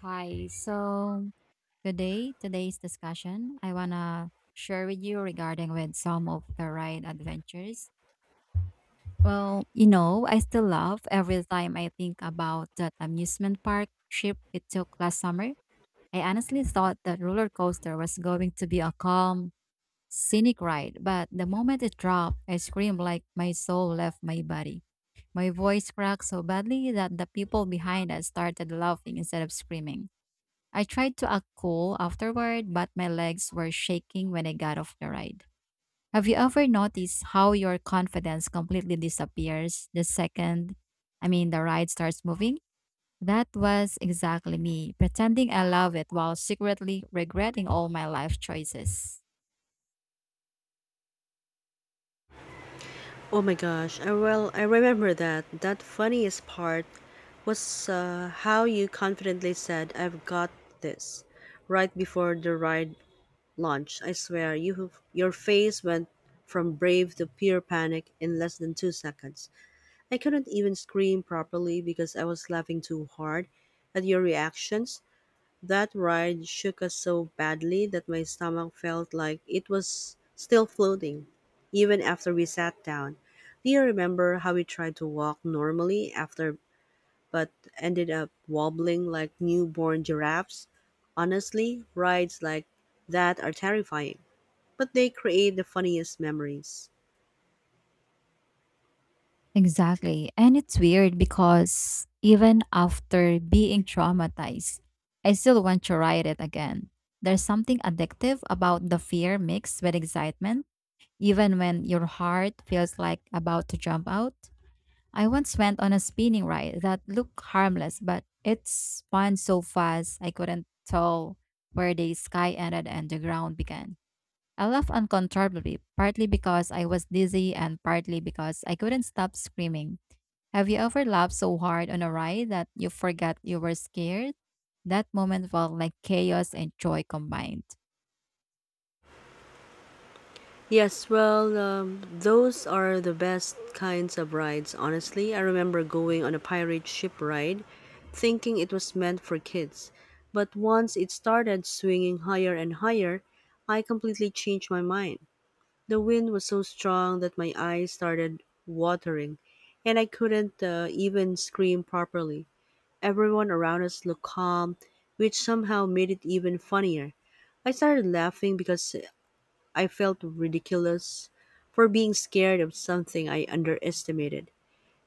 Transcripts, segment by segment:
Hi. So, good day. Today's discussion, I want to share with you regarding with some of the ride adventures. I still love every time I think about that amusement park trip we took last summer. I honestly thought that roller coaster was going to be a calm, scenic ride, but the moment it dropped, I screamed like my soul left my body. My voice cracked so badly that the people behind us started laughing instead of screaming. I tried to act cool afterward, but my legs were shaking when I got off the ride. Have you ever noticed how your confidence completely disappears the second, I mean, the ride starts moving? That was exactly me, pretending I love it while secretly regretting all my life choices. Oh my gosh, I remember that. That funniest part was how you confidently said, "I've got this," right before the ride launched. I swear, your face went from brave to pure panic in less than 2 seconds. I couldn't even scream properly because I was laughing too hard at your reactions. That ride shook us so badly that my stomach felt like it was still floating, even after we sat down. Do you remember how we tried to walk normally after but ended up wobbling like newborn giraffes? Honestly, rides like that are terrifying, but they create the funniest memories. Exactly. And it's weird because even after being traumatized, I still want to ride it again. There's something addictive about the fear mixed with excitement even when your heart feels like about to jump out. I once went on a spinning ride that looked harmless, but it spun so fast I couldn't tell where the sky ended and the ground began. I laughed uncontrollably, partly because I was dizzy and partly because I couldn't stop screaming. Have you ever laughed so hard on a ride that you forgot you were scared? That moment felt like chaos and joy combined. Yes, well, those are the best kinds of rides, honestly. I remember going on a pirate ship ride thinking it was meant for kids. But once it started swinging higher and higher, I completely changed my mind. The wind was so strong that my eyes started watering, and I couldn't even scream properly. Everyone around us looked calm, which somehow made it even funnier. I started laughing because I felt ridiculous for being scared of something I underestimated.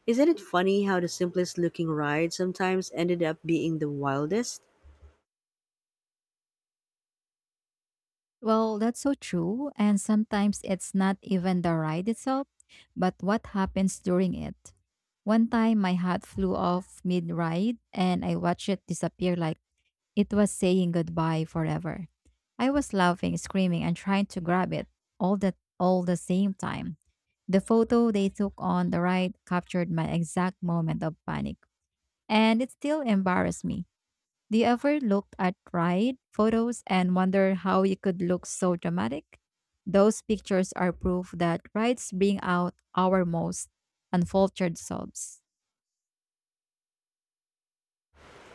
Isn't it funny how the simplest looking ride sometimes ended up being the wildest? Well, that's so true. And sometimes it's not even the ride itself, but what happens during it. One time my hat flew off mid ride and I watched it disappear like it was saying goodbye forever. I was laughing, screaming, and trying to grab it all the all the same time. The photo they took on the ride captured my exact moment of panic. And it still embarrassed me. Do you ever look at ride photos and wonder how you could look so dramatic? Those pictures are proof that rides bring out our most unfiltered selves.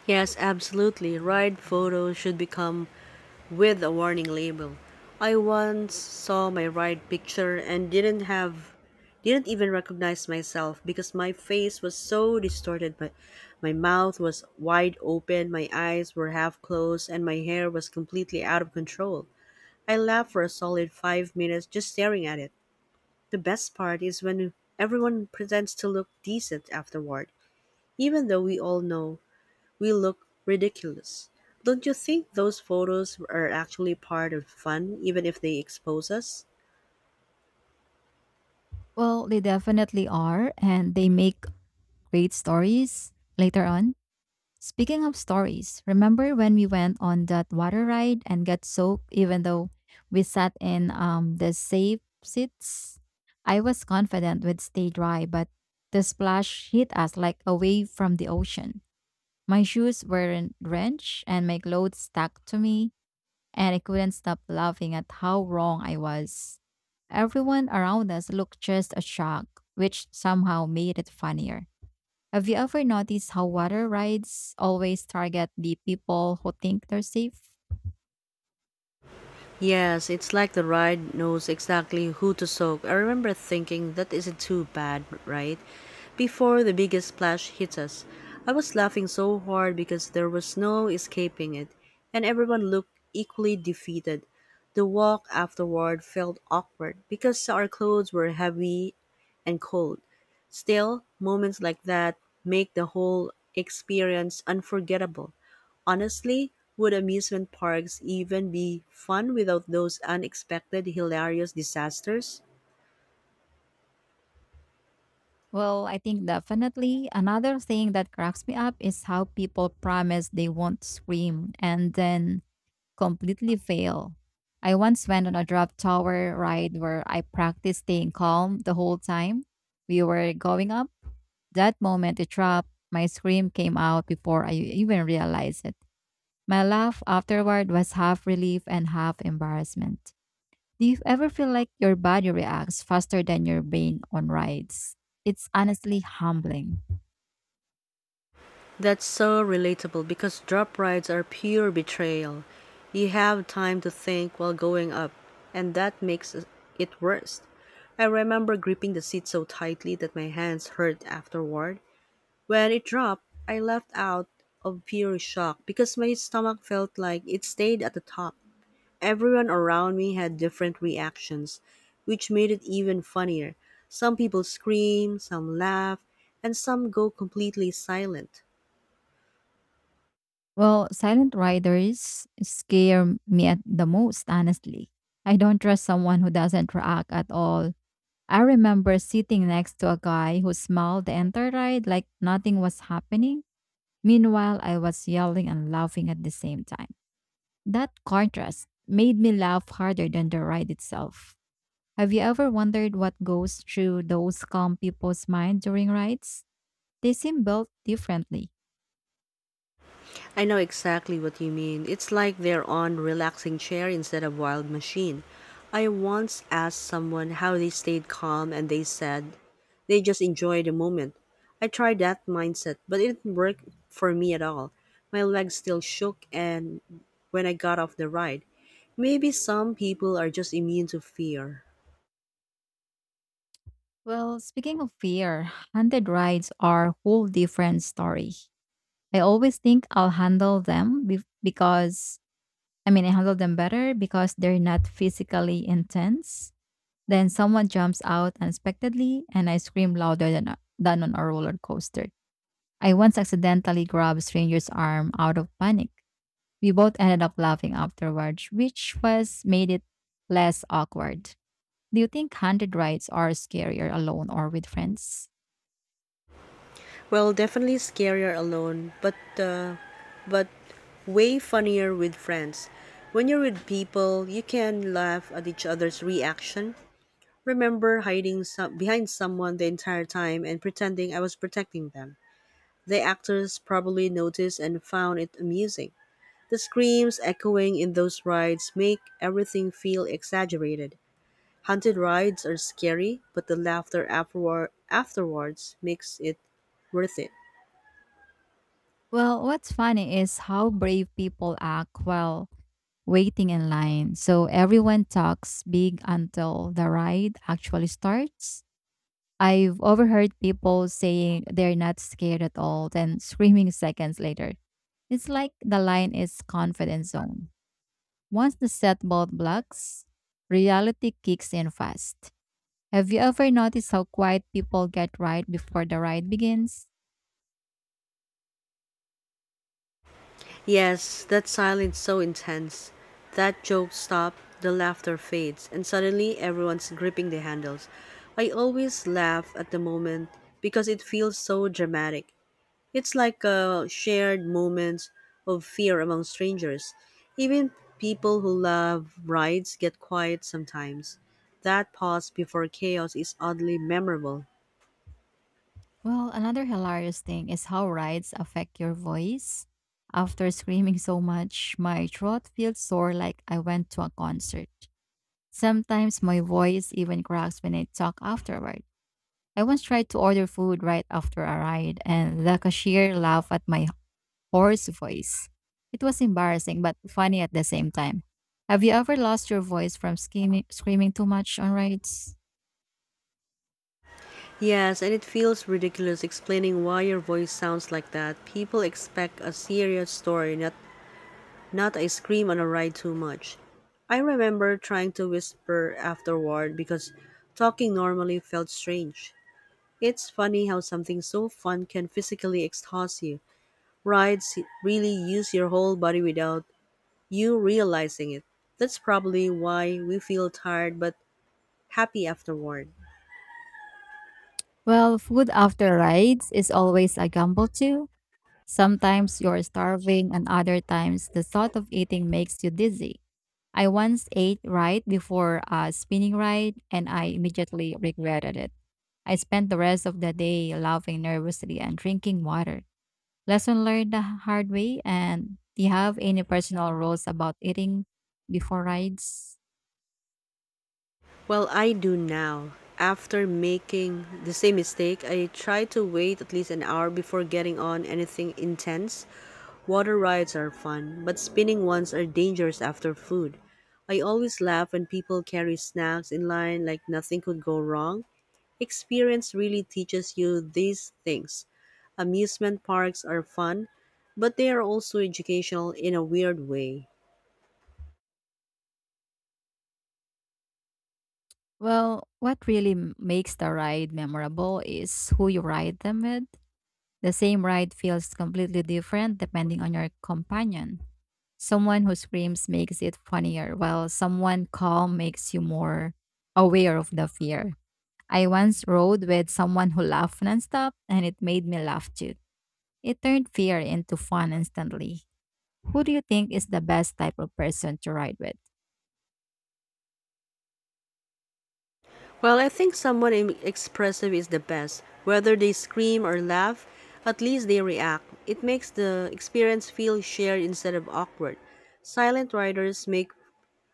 Yes, absolutely. Ride photos should become with a warning label. I once saw my ride picture and didn't even recognize myself because my face was so distorted, but my mouth was wide open, my eyes were half closed, and my hair was completely out of control. I laugh for a solid 5 minutes just staring at it. The best part is when everyone pretends to look decent afterward, even though we all know we look ridiculous. Don't you think those photos are actually part of fun, even if they expose us? Well, they definitely are, and they make great stories later on. Speaking of stories, remember when we went on that water ride and got soaked even though we sat in the safe seats? I was confident we'd stay dry, but the splash hit us like a wave from the ocean. My shoes weren't drenched and my clothes stuck to me, and I couldn't stop laughing at how wrong I was. Everyone around us looked just as shocked, which somehow made it funnier. Have you ever noticed how water rides always target the people who think they're safe? Yes, it's like the ride knows exactly who to soak. I remember thinking that isn't too bad, right? Before the biggest splash hit us, I was laughing so hard because there was no escaping it, and everyone looked equally defeated. The walk afterward felt awkward because our clothes were heavy and cold. Still, moments like that make the whole experience unforgettable. Honestly, would amusement parks even be fun without those unexpected hilarious disasters? Well, I think definitely. Another thing that cracks me up is how people promise they won't scream and then completely fail. I once went on a drop tower ride where I practiced staying calm the whole time we were going up. That moment, it dropped. My scream came out before I even realized it. My laugh afterward was half relief and half embarrassment. Do you ever feel like your body reacts faster than your brain on rides? It's honestly humbling. That's so relatable because drop rides are pure betrayal. You have time to think while going up, and that makes it worse. I remember gripping the seat so tightly that my hands hurt afterward. When it dropped, I laughed out of pure shock because my stomach felt like it stayed at the top. Everyone around me had different reactions, which made it even funnier. Some people scream, some laugh, and some go completely silent. Well, silent riders scare me at the most, honestly. I don't trust someone who doesn't react at all. I remember sitting next to a guy who smiled the entire ride like nothing was happening. Meanwhile, I was yelling and laughing at the same time. That contrast made me laugh harder than the ride itself. Have you ever wondered what goes through those calm people's mind during rides? They seem built differently. I know exactly what you mean. It's like they're on relaxing chair instead of wild machine. I once asked someone how they stayed calm, and they said they just enjoy the moment. I tried that mindset, but it didn't work for me at all. My legs still shook and when I got off the ride. Maybe some people are just immune to fear. Well, speaking of fear, haunted rides are a whole different story. I always think I handle them better because they're not physically intense. Then someone jumps out unexpectedly and I scream louder than on a roller coaster. I once accidentally grabbed a stranger's arm out of panic. We both ended up laughing afterwards, which was made it less awkward. Do you think haunted rides are scarier alone or with friends? Well, definitely scarier alone, but way funnier with friends. When you're with people, you can laugh at each other's reaction. Remember behind someone the entire time and pretending I was protecting them. The actors probably noticed and found it amusing. The screams echoing in those rides make everything feel exaggerated. Haunted rides are scary, but the laughter afterwards makes it worth it. Well, what's funny is how brave people act while waiting in line. So everyone talks big until the ride actually starts. I've overheard people saying they're not scared at all, then screaming seconds later. It's like the line is confidence zone. Once the set bolt blocks, reality kicks in fast. Have you ever noticed how quiet people get right before the ride begins? Yes, that silence so intense. That joke stops, the laughter fades, and suddenly everyone's gripping the handles. I always laugh at the moment because it feels so dramatic. It's like a shared moments of fear among strangers. Even people who love rides get quiet sometimes. That pause before chaos is oddly memorable. Well, another hilarious thing is how rides affect your voice. After screaming so much, my throat feels sore like I went to a concert. Sometimes my voice even cracks when I talk afterward. I once tried to order food right after a ride, and the cashier laughed at my hoarse voice. It was embarrassing but funny at the same time. Have you ever lost your voice from screaming too much on rides? Yes, and it feels ridiculous explaining why your voice sounds like that. People expect a serious story, not a scream on a ride too much. I remember trying to whisper afterward because talking normally felt strange. It's funny how something so fun can physically exhaust you. Rides really use your whole body without you realizing it. That's probably why we feel tired but happy afterward. Well, food after rides is always a gamble too. Sometimes you're starving, and other times the thought of eating makes you dizzy. I once ate right before a spinning ride, and I immediately regretted it. I spent the rest of the day laughing nervously and drinking water. Lesson learned the hard way? And do you have any personal rules about eating before rides? Well, I do now. After making the same mistake, I try to wait at least an hour before getting on anything intense. Water rides are fun, but spinning ones are dangerous after food. I always laugh when people carry snacks in line like nothing could go wrong. Experience really teaches you these things. Amusement parks are fun, but they are also educational in a weird way. Well, what really makes the ride memorable is who you ride them with. The same ride feels completely different depending on your companion. Someone who screams makes it funnier, while someone calm makes you more aware of the fear. I once rode with someone who laughed nonstop, and it made me laugh too. It turned fear into fun instantly. Who do you think is the best type of person to ride with? Well, I think someone expressive is the best. Whether they scream or laugh, at least they react. It makes the experience feel shared instead of awkward. Silent riders make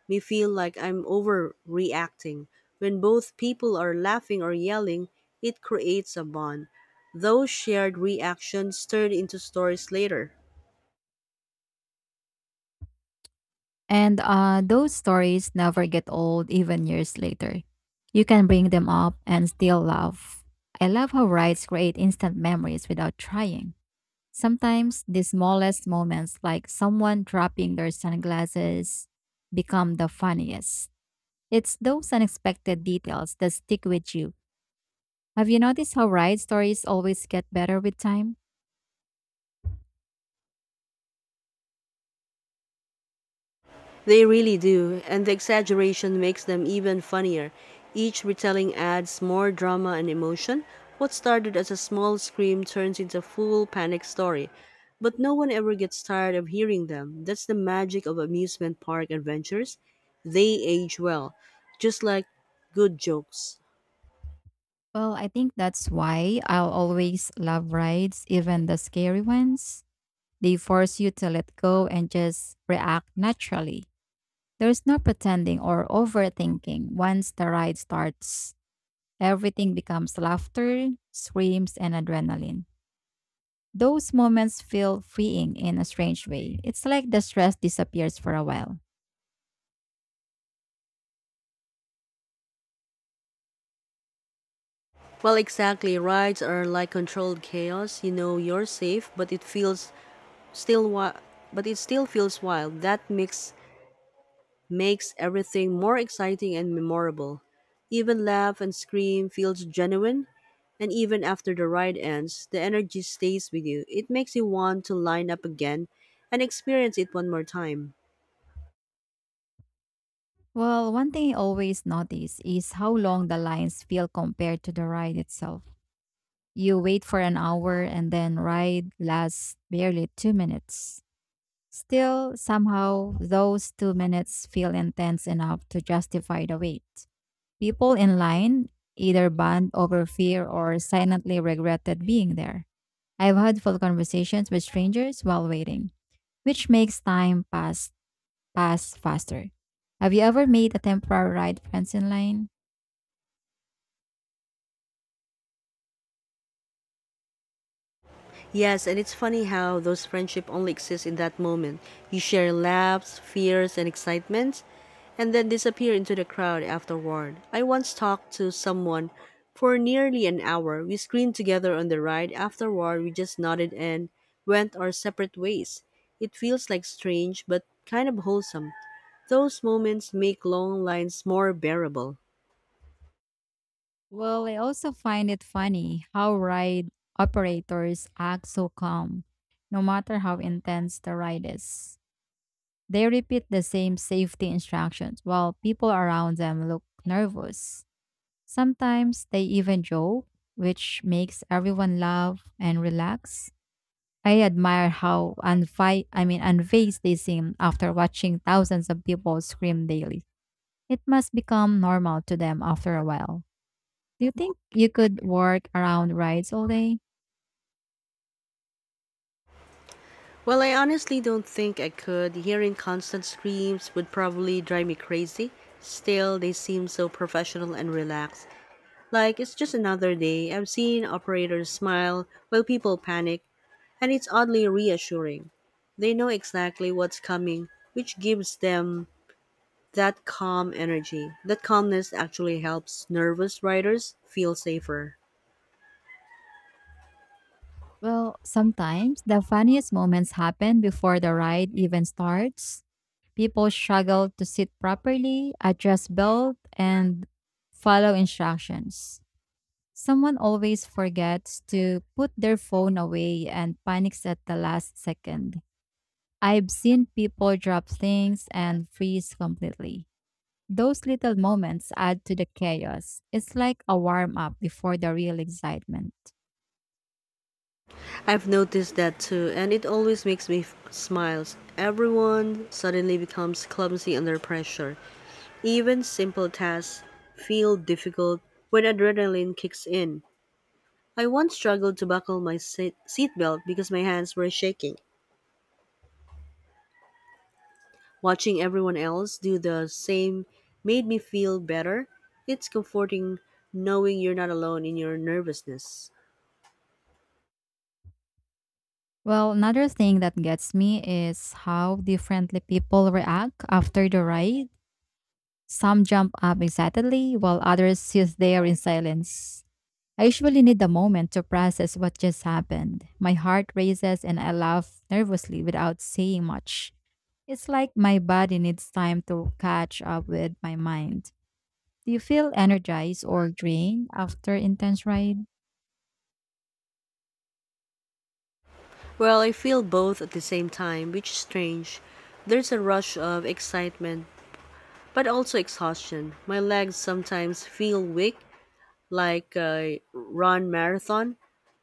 me feel like I'm overreacting. When both people are laughing or yelling, it creates a bond. Those shared reactions turn into stories later. And Those stories never get old, even years later. You can bring them up and still laugh. I love how rides create instant memories without trying. Sometimes the smallest moments, like someone dropping their sunglasses, become the funniest. It's those unexpected details that stick with you. Have you noticed how ride stories always get better with time? They really do, and the exaggeration makes them even funnier. Each retelling adds more drama and emotion. What started as a small scream turns into a full panic story, but no one ever gets tired of hearing them. That's the magic of amusement park adventures. They age well, just like good jokes. Well, I think that's why I'll always love rides, even the scary ones. They force you to let go and just react naturally. There's no pretending or overthinking. Once the ride starts, everything becomes laughter, screams, and adrenaline. Those moments feel freeing in a strange way. It's like the stress disappears for a while. Well, exactly. Rides are like controlled chaos. You know you're safe, still wi- but it still feels wild. That mix makes everything more exciting and memorable. Even laugh and scream feels genuine, and even after the ride ends, the energy stays with you. It makes you want to line up again and experience it one more time. Well, one thing I always notice is how long the lines feel compared to the ride itself. You wait for an hour and then ride lasts barely 2 minutes. Still, somehow, those 2 minutes feel intense enough to justify the wait. People in line either bond over fear or silently regretted being there. I've had full conversations with strangers while waiting, which makes time pass faster. Have you ever made a temporary ride friends in line? Yes, and it's funny how those friendships only exist in that moment. You share laughs, fears, and excitements, and then disappear into the crowd afterward. I once talked to someone for nearly an hour. We screamed together on the ride. Afterward, we just nodded and went our separate ways. It feels like strange, but kind of wholesome. Those moments make long lines more bearable. Well, I also find it funny how ride operators act so calm, no matter how intense the ride is. They repeat the same safety instructions while people around them look nervous. Sometimes they even joke, which makes everyone laugh and relax. I admire how unfazed they seem after watching thousands of people scream daily. It must become normal to them after a while. Do you think you could work around rides all day? Well, I honestly don't think I could. Hearing constant screams would probably drive me crazy. Still, they seem so professional and relaxed, like it's just another day. I've seen operators smile while people panic, and it's oddly reassuring. They know exactly what's coming, which gives them that calm energy. That calmness actually helps nervous riders feel safer. Well, sometimes the funniest moments happen before the ride even starts. People struggle to sit properly, adjust belt, and follow instructions. Someone always forgets to put their phone away and panics at the last second. I've seen people drop things and freeze completely. Those little moments add to the chaos. It's like a warm up before the real excitement. I've noticed that too, and it always makes me smiles. Everyone suddenly becomes clumsy under pressure. Even simple tasks feel difficult when adrenaline kicks in. I once struggled to buckle my seatbelt because my hands were shaking. Watching everyone else do the same made me feel better. It's comforting knowing you're not alone in your nervousness. Well, another thing that gets me is how differently people react after the ride. Some jump up excitedly while others sit there in silence. I usually need a moment to process what just happened. My heart races and I laugh nervously without saying much. It's like my body needs time to catch up with my mind. Do you feel energized or drained after intense ride? Well, I feel both at the same time, which is strange. There's a rush of excitement but also exhaustion. My legs sometimes feel weak, like a run marathon.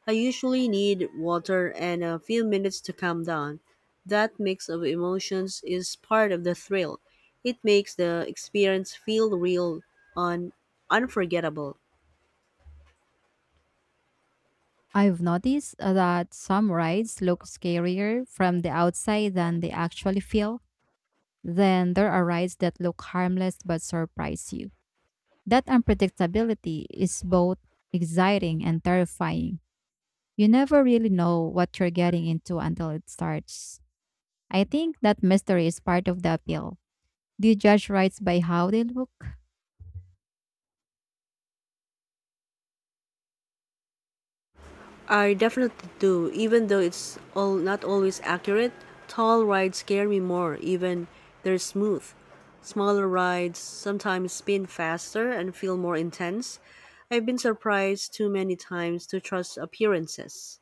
I usually need water and a few minutes to calm down. That mix of emotions is part of the thrill. It makes the experience feel real and unforgettable. I've noticed that some rides look scarier from the outside than they actually feel. Then there are rides that look harmless but surprise you. That unpredictability is both exciting and terrifying. You never really know what you're getting into until it starts. I think that mystery is part of the appeal. Do you judge rides by how they look? I definitely do, even though it's all not always accurate. Tall rides scare me more, even they're smooth. Smaller rides sometimes spin faster and feel more intense. I've been surprised too many times to trust appearances.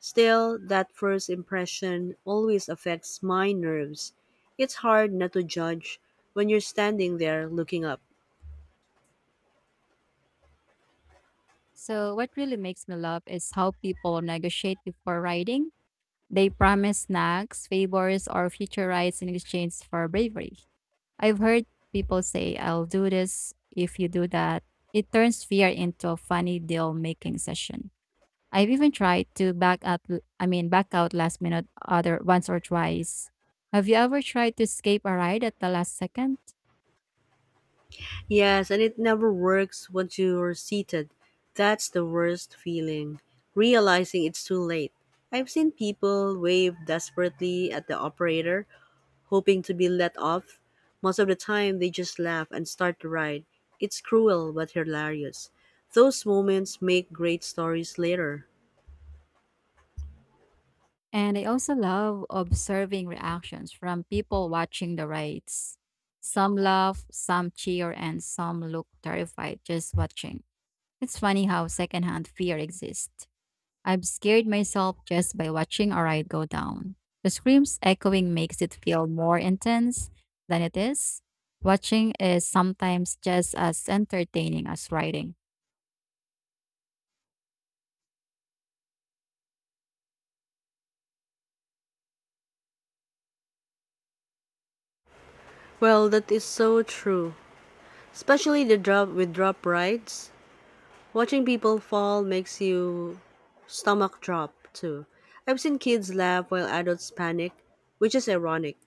Still, that first impression always affects my nerves. It's hard not to judge when you're standing there looking up. So, what really makes me laugh is how people negotiate before riding. They promise snacks, favors, or future rights in exchange for bravery. I've heard people say, I'll do this if you do that. It turns fear into a funny deal making session. I've even tried to back up I mean back out last minute other once or twice. Have you ever tried to escape a ride at the last second? Yes, and it never works once you're seated. That's the worst feeling, realizing it's too late. I've seen people wave desperately at the operator, hoping to be let off. Most of the time, they just laugh and start the ride. It's cruel but hilarious. Those moments make great stories later. And I also love observing reactions from people watching the rides. Some laugh, some cheer, and some look terrified just watching. It's funny how secondhand fear exists. I've scared myself just by watching a ride go down. The screams echoing makes it feel more intense than it is. Watching is sometimes just as entertaining as riding. Well, that is so true. Especially the drop with drop rides. Watching people fall makes you stomach drop too. I've seen kids laugh while adults panic, which is ironic.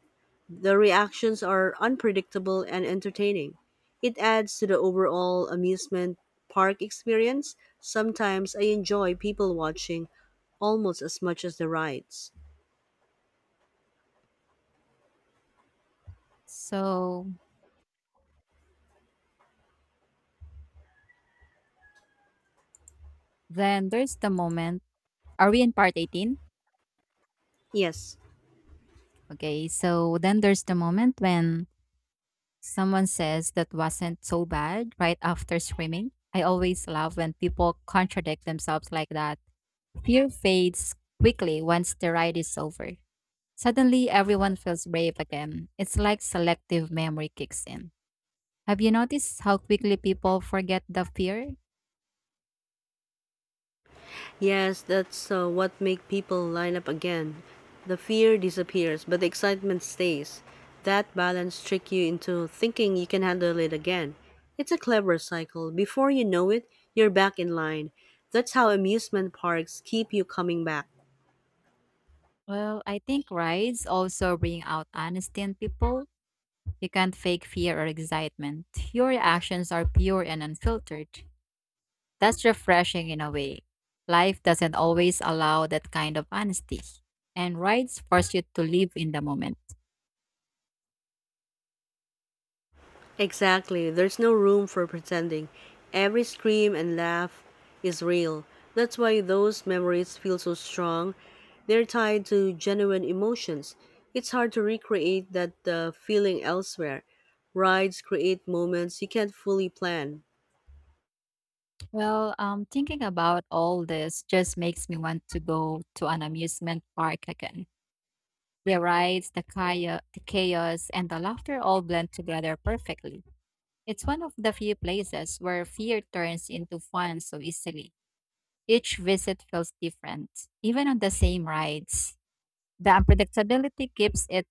The reactions are unpredictable and entertaining. It adds to the overall amusement park experience. Sometimes I enjoy people watching almost as much as the rides. So then there's the moment. Are we in part 18? Yes, Okay, so then there's the moment when someone says that wasn't so bad right after screaming. I always love when people contradict themselves like that. Fear fades quickly once the ride is over. Suddenly, everyone feels brave again. It's like selective memory kicks in. Have you noticed how quickly people forget the fear? Yes, that's what make people line up again. The fear disappears, but the excitement stays. That balance trick you into thinking you can handle it again. It's a clever cycle. Before you know it, you're back in line. That's how amusement parks keep you coming back. Well, I think rides also bring out honesty in people. You can't fake fear or excitement. Your actions are pure and unfiltered. That's refreshing in a way. Life doesn't always allow that kind of honesty, and rides force you to live in the moment. Exactly. There's no room for pretending. Every scream and laugh is real. That's why those memories feel so strong. They're tied to genuine emotions. It's hard to recreate that feeling elsewhere. Rides create moments you can't fully plan. Well, thinking about all this just makes me want to go to an amusement park again. The rides, the chaos, and the laughter all blend together perfectly. It's one of the few places where fear turns into fun so easily. Each visit feels different, even on the same rides. The unpredictability keeps it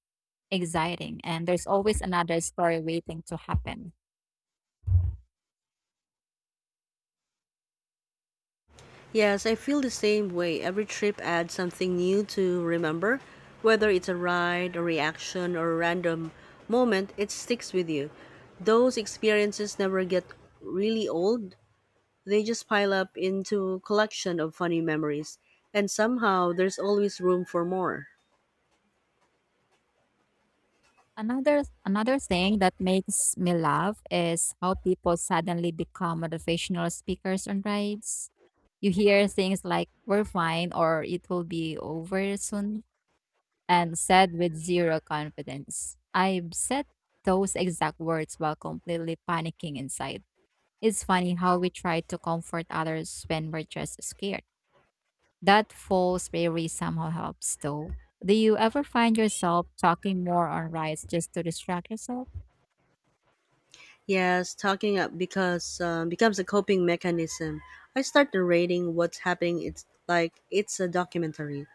exciting, and there's always another story waiting to happen. Yes, I feel the same way. Every trip adds something new to remember. Whether it's a ride, a reaction, or a random moment, it sticks with you. Those experiences never get really old. They just pile up into collection of funny memories, and somehow there's always room for more. Another thing that makes me laugh is how people suddenly become motivational speakers on rides. You hear things like "We're fine" or "It will be over soon," and said with zero confidence. I've said those exact words while completely panicking inside. It's funny how we try to comfort others when we're just scared. That false bravery somehow helps, though. Do you ever find yourself talking more on rides just to distract yourself? Yes, talking up because becomes a coping mechanism. I start narrating what's happening. It's like it's a documentary.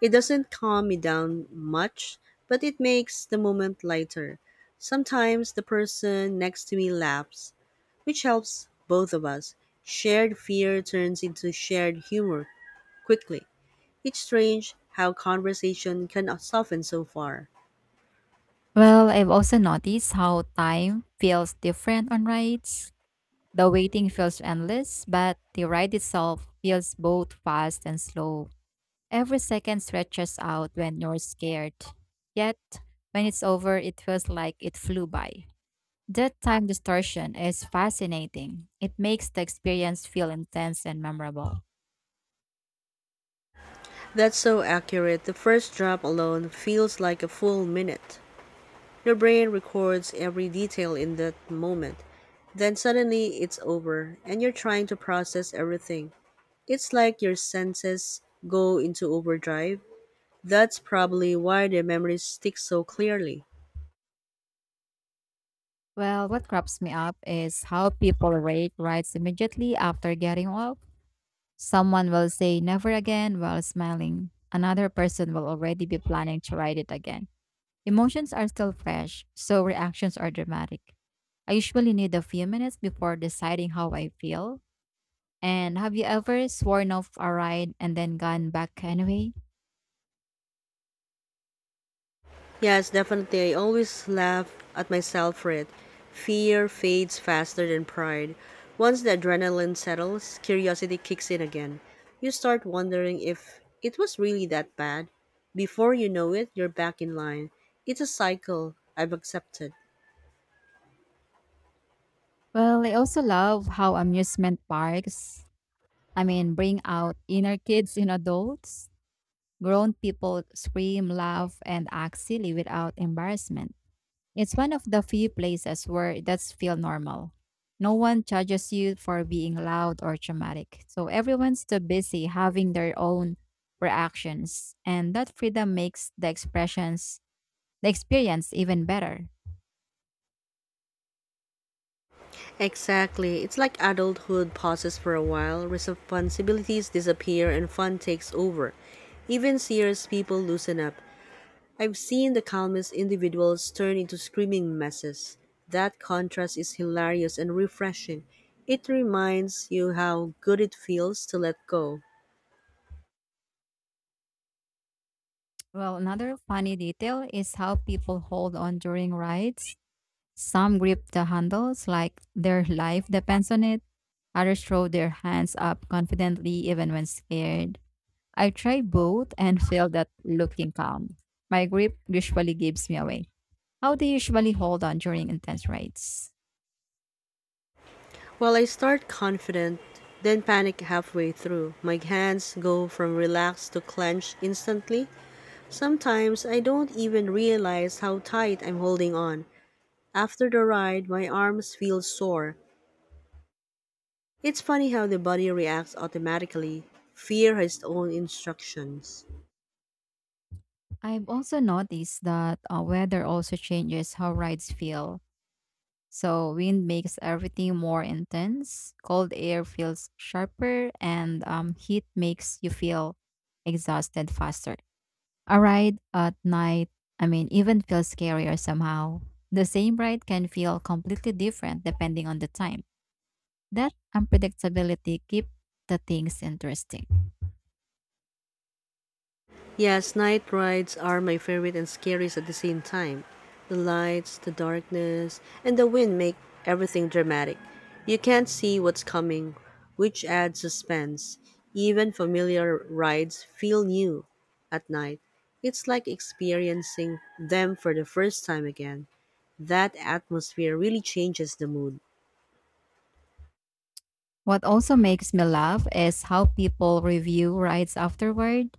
It doesn't calm me down much, but it makes the moment lighter. Sometimes the person next to me laughs, which helps both of us. Shared fear turns into shared humor, quickly. It's strange how conversation can soften so far. Well, I've also noticed how time feels different on rides. The waiting feels endless, but the ride itself feels both fast and slow. Every second stretches out when you're scared. Yet, when it's over, it feels like it flew by. That time distortion is fascinating. It makes the experience feel intense and memorable. That's so accurate. The first drop alone feels like a full minute. Your brain records every detail in that moment. Then suddenly it's over and you're trying to process everything. It's like your senses go into overdrive. That's probably why the memories stick so clearly. Well, what crops me up is how people rate rides immediately after getting off. Someone will say never again while smiling. Another person will already be planning to write it again. Emotions are still fresh, so reactions are dramatic. I usually need a few minutes before deciding how I feel. And have you ever sworn off a ride and then gone back anyway? Yes, definitely. I always laugh at myself for it. Fear fades faster than pride. Once the adrenaline settles, curiosity kicks in again. You start wondering if it was really that bad. Before you know it, you're back in line. It's a cycle I've accepted. Well, I also love how amusement parks, I mean, bring out inner kids in adults. Grown people scream, laugh, and act silly without embarrassment. It's one of the few places where that's feel normal. No one judges you for being loud or dramatic. So everyone's too busy having their own reactions, and that freedom makes the experience even better. Exactly. It's like adulthood pauses for a while, responsibilities disappear, and fun takes over. Even serious people loosen up. I've seen the calmest individuals turn into screaming messes. That contrast is hilarious and refreshing. It reminds you how good it feels to let go. Well, another funny detail is how people hold on during rides. Some grip the handles like their life depends on it. Others throw their hands up confidently even when scared. I've tried both and failed at looking calm. My grip usually gives me away. How do you usually hold on during intense rides? While I start confident, then panic halfway through. My hands go from relaxed to clenched instantly. Sometimes I don't even realize how tight I'm holding on. After the ride, my arms feel sore. It's funny how the body reacts automatically. Fear has its own instructions. I've also noticed that weather also changes how rides feel. So, wind makes everything more intense, cold air feels sharper, and heat makes you feel exhausted faster. A ride at night, I mean, even feels scarier somehow. The same ride can feel completely different depending on the time. That unpredictability keeps the things interesting. Yes, night rides are my favorite and scariest at the same time. The lights, the darkness, and the wind make everything dramatic. You can't see what's coming, which adds suspense. Even familiar rides feel new at night. It's like experiencing them for the first time again. That atmosphere really changes the mood. What also makes me laugh is how people review rides afterward.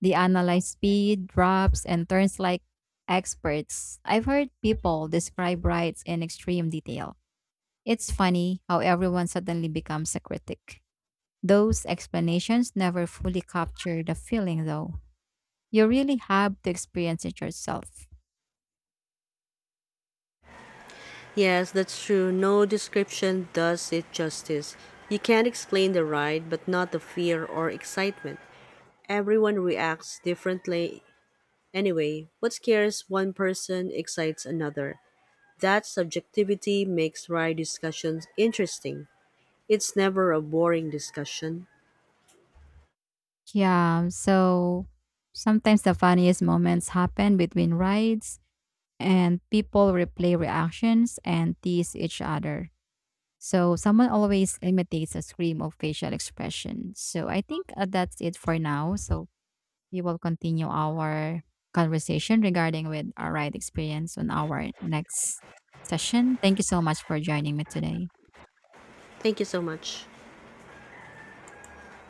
They analyze speed, drops, and turns like experts. I've heard people describe rides in extreme detail. It's funny how everyone suddenly becomes a critic. Those explanations never fully capture the feeling, though. You really have to experience it yourself. Yes, that's true. No description does it justice. You can't explain the ride, but not the fear or excitement. Everyone reacts differently. Anyway, what scares one person excites another. That subjectivity makes ride discussions interesting. It's never a boring discussion. Yeah, so sometimes the funniest moments happen between rides, and people replay reactions and tease each other. So someone always imitates a scream or facial expression. So I think that's it for now. So we will continue our conversation regarding with our ride experience on our next session. Thank you so much for joining me today. Thank you so much.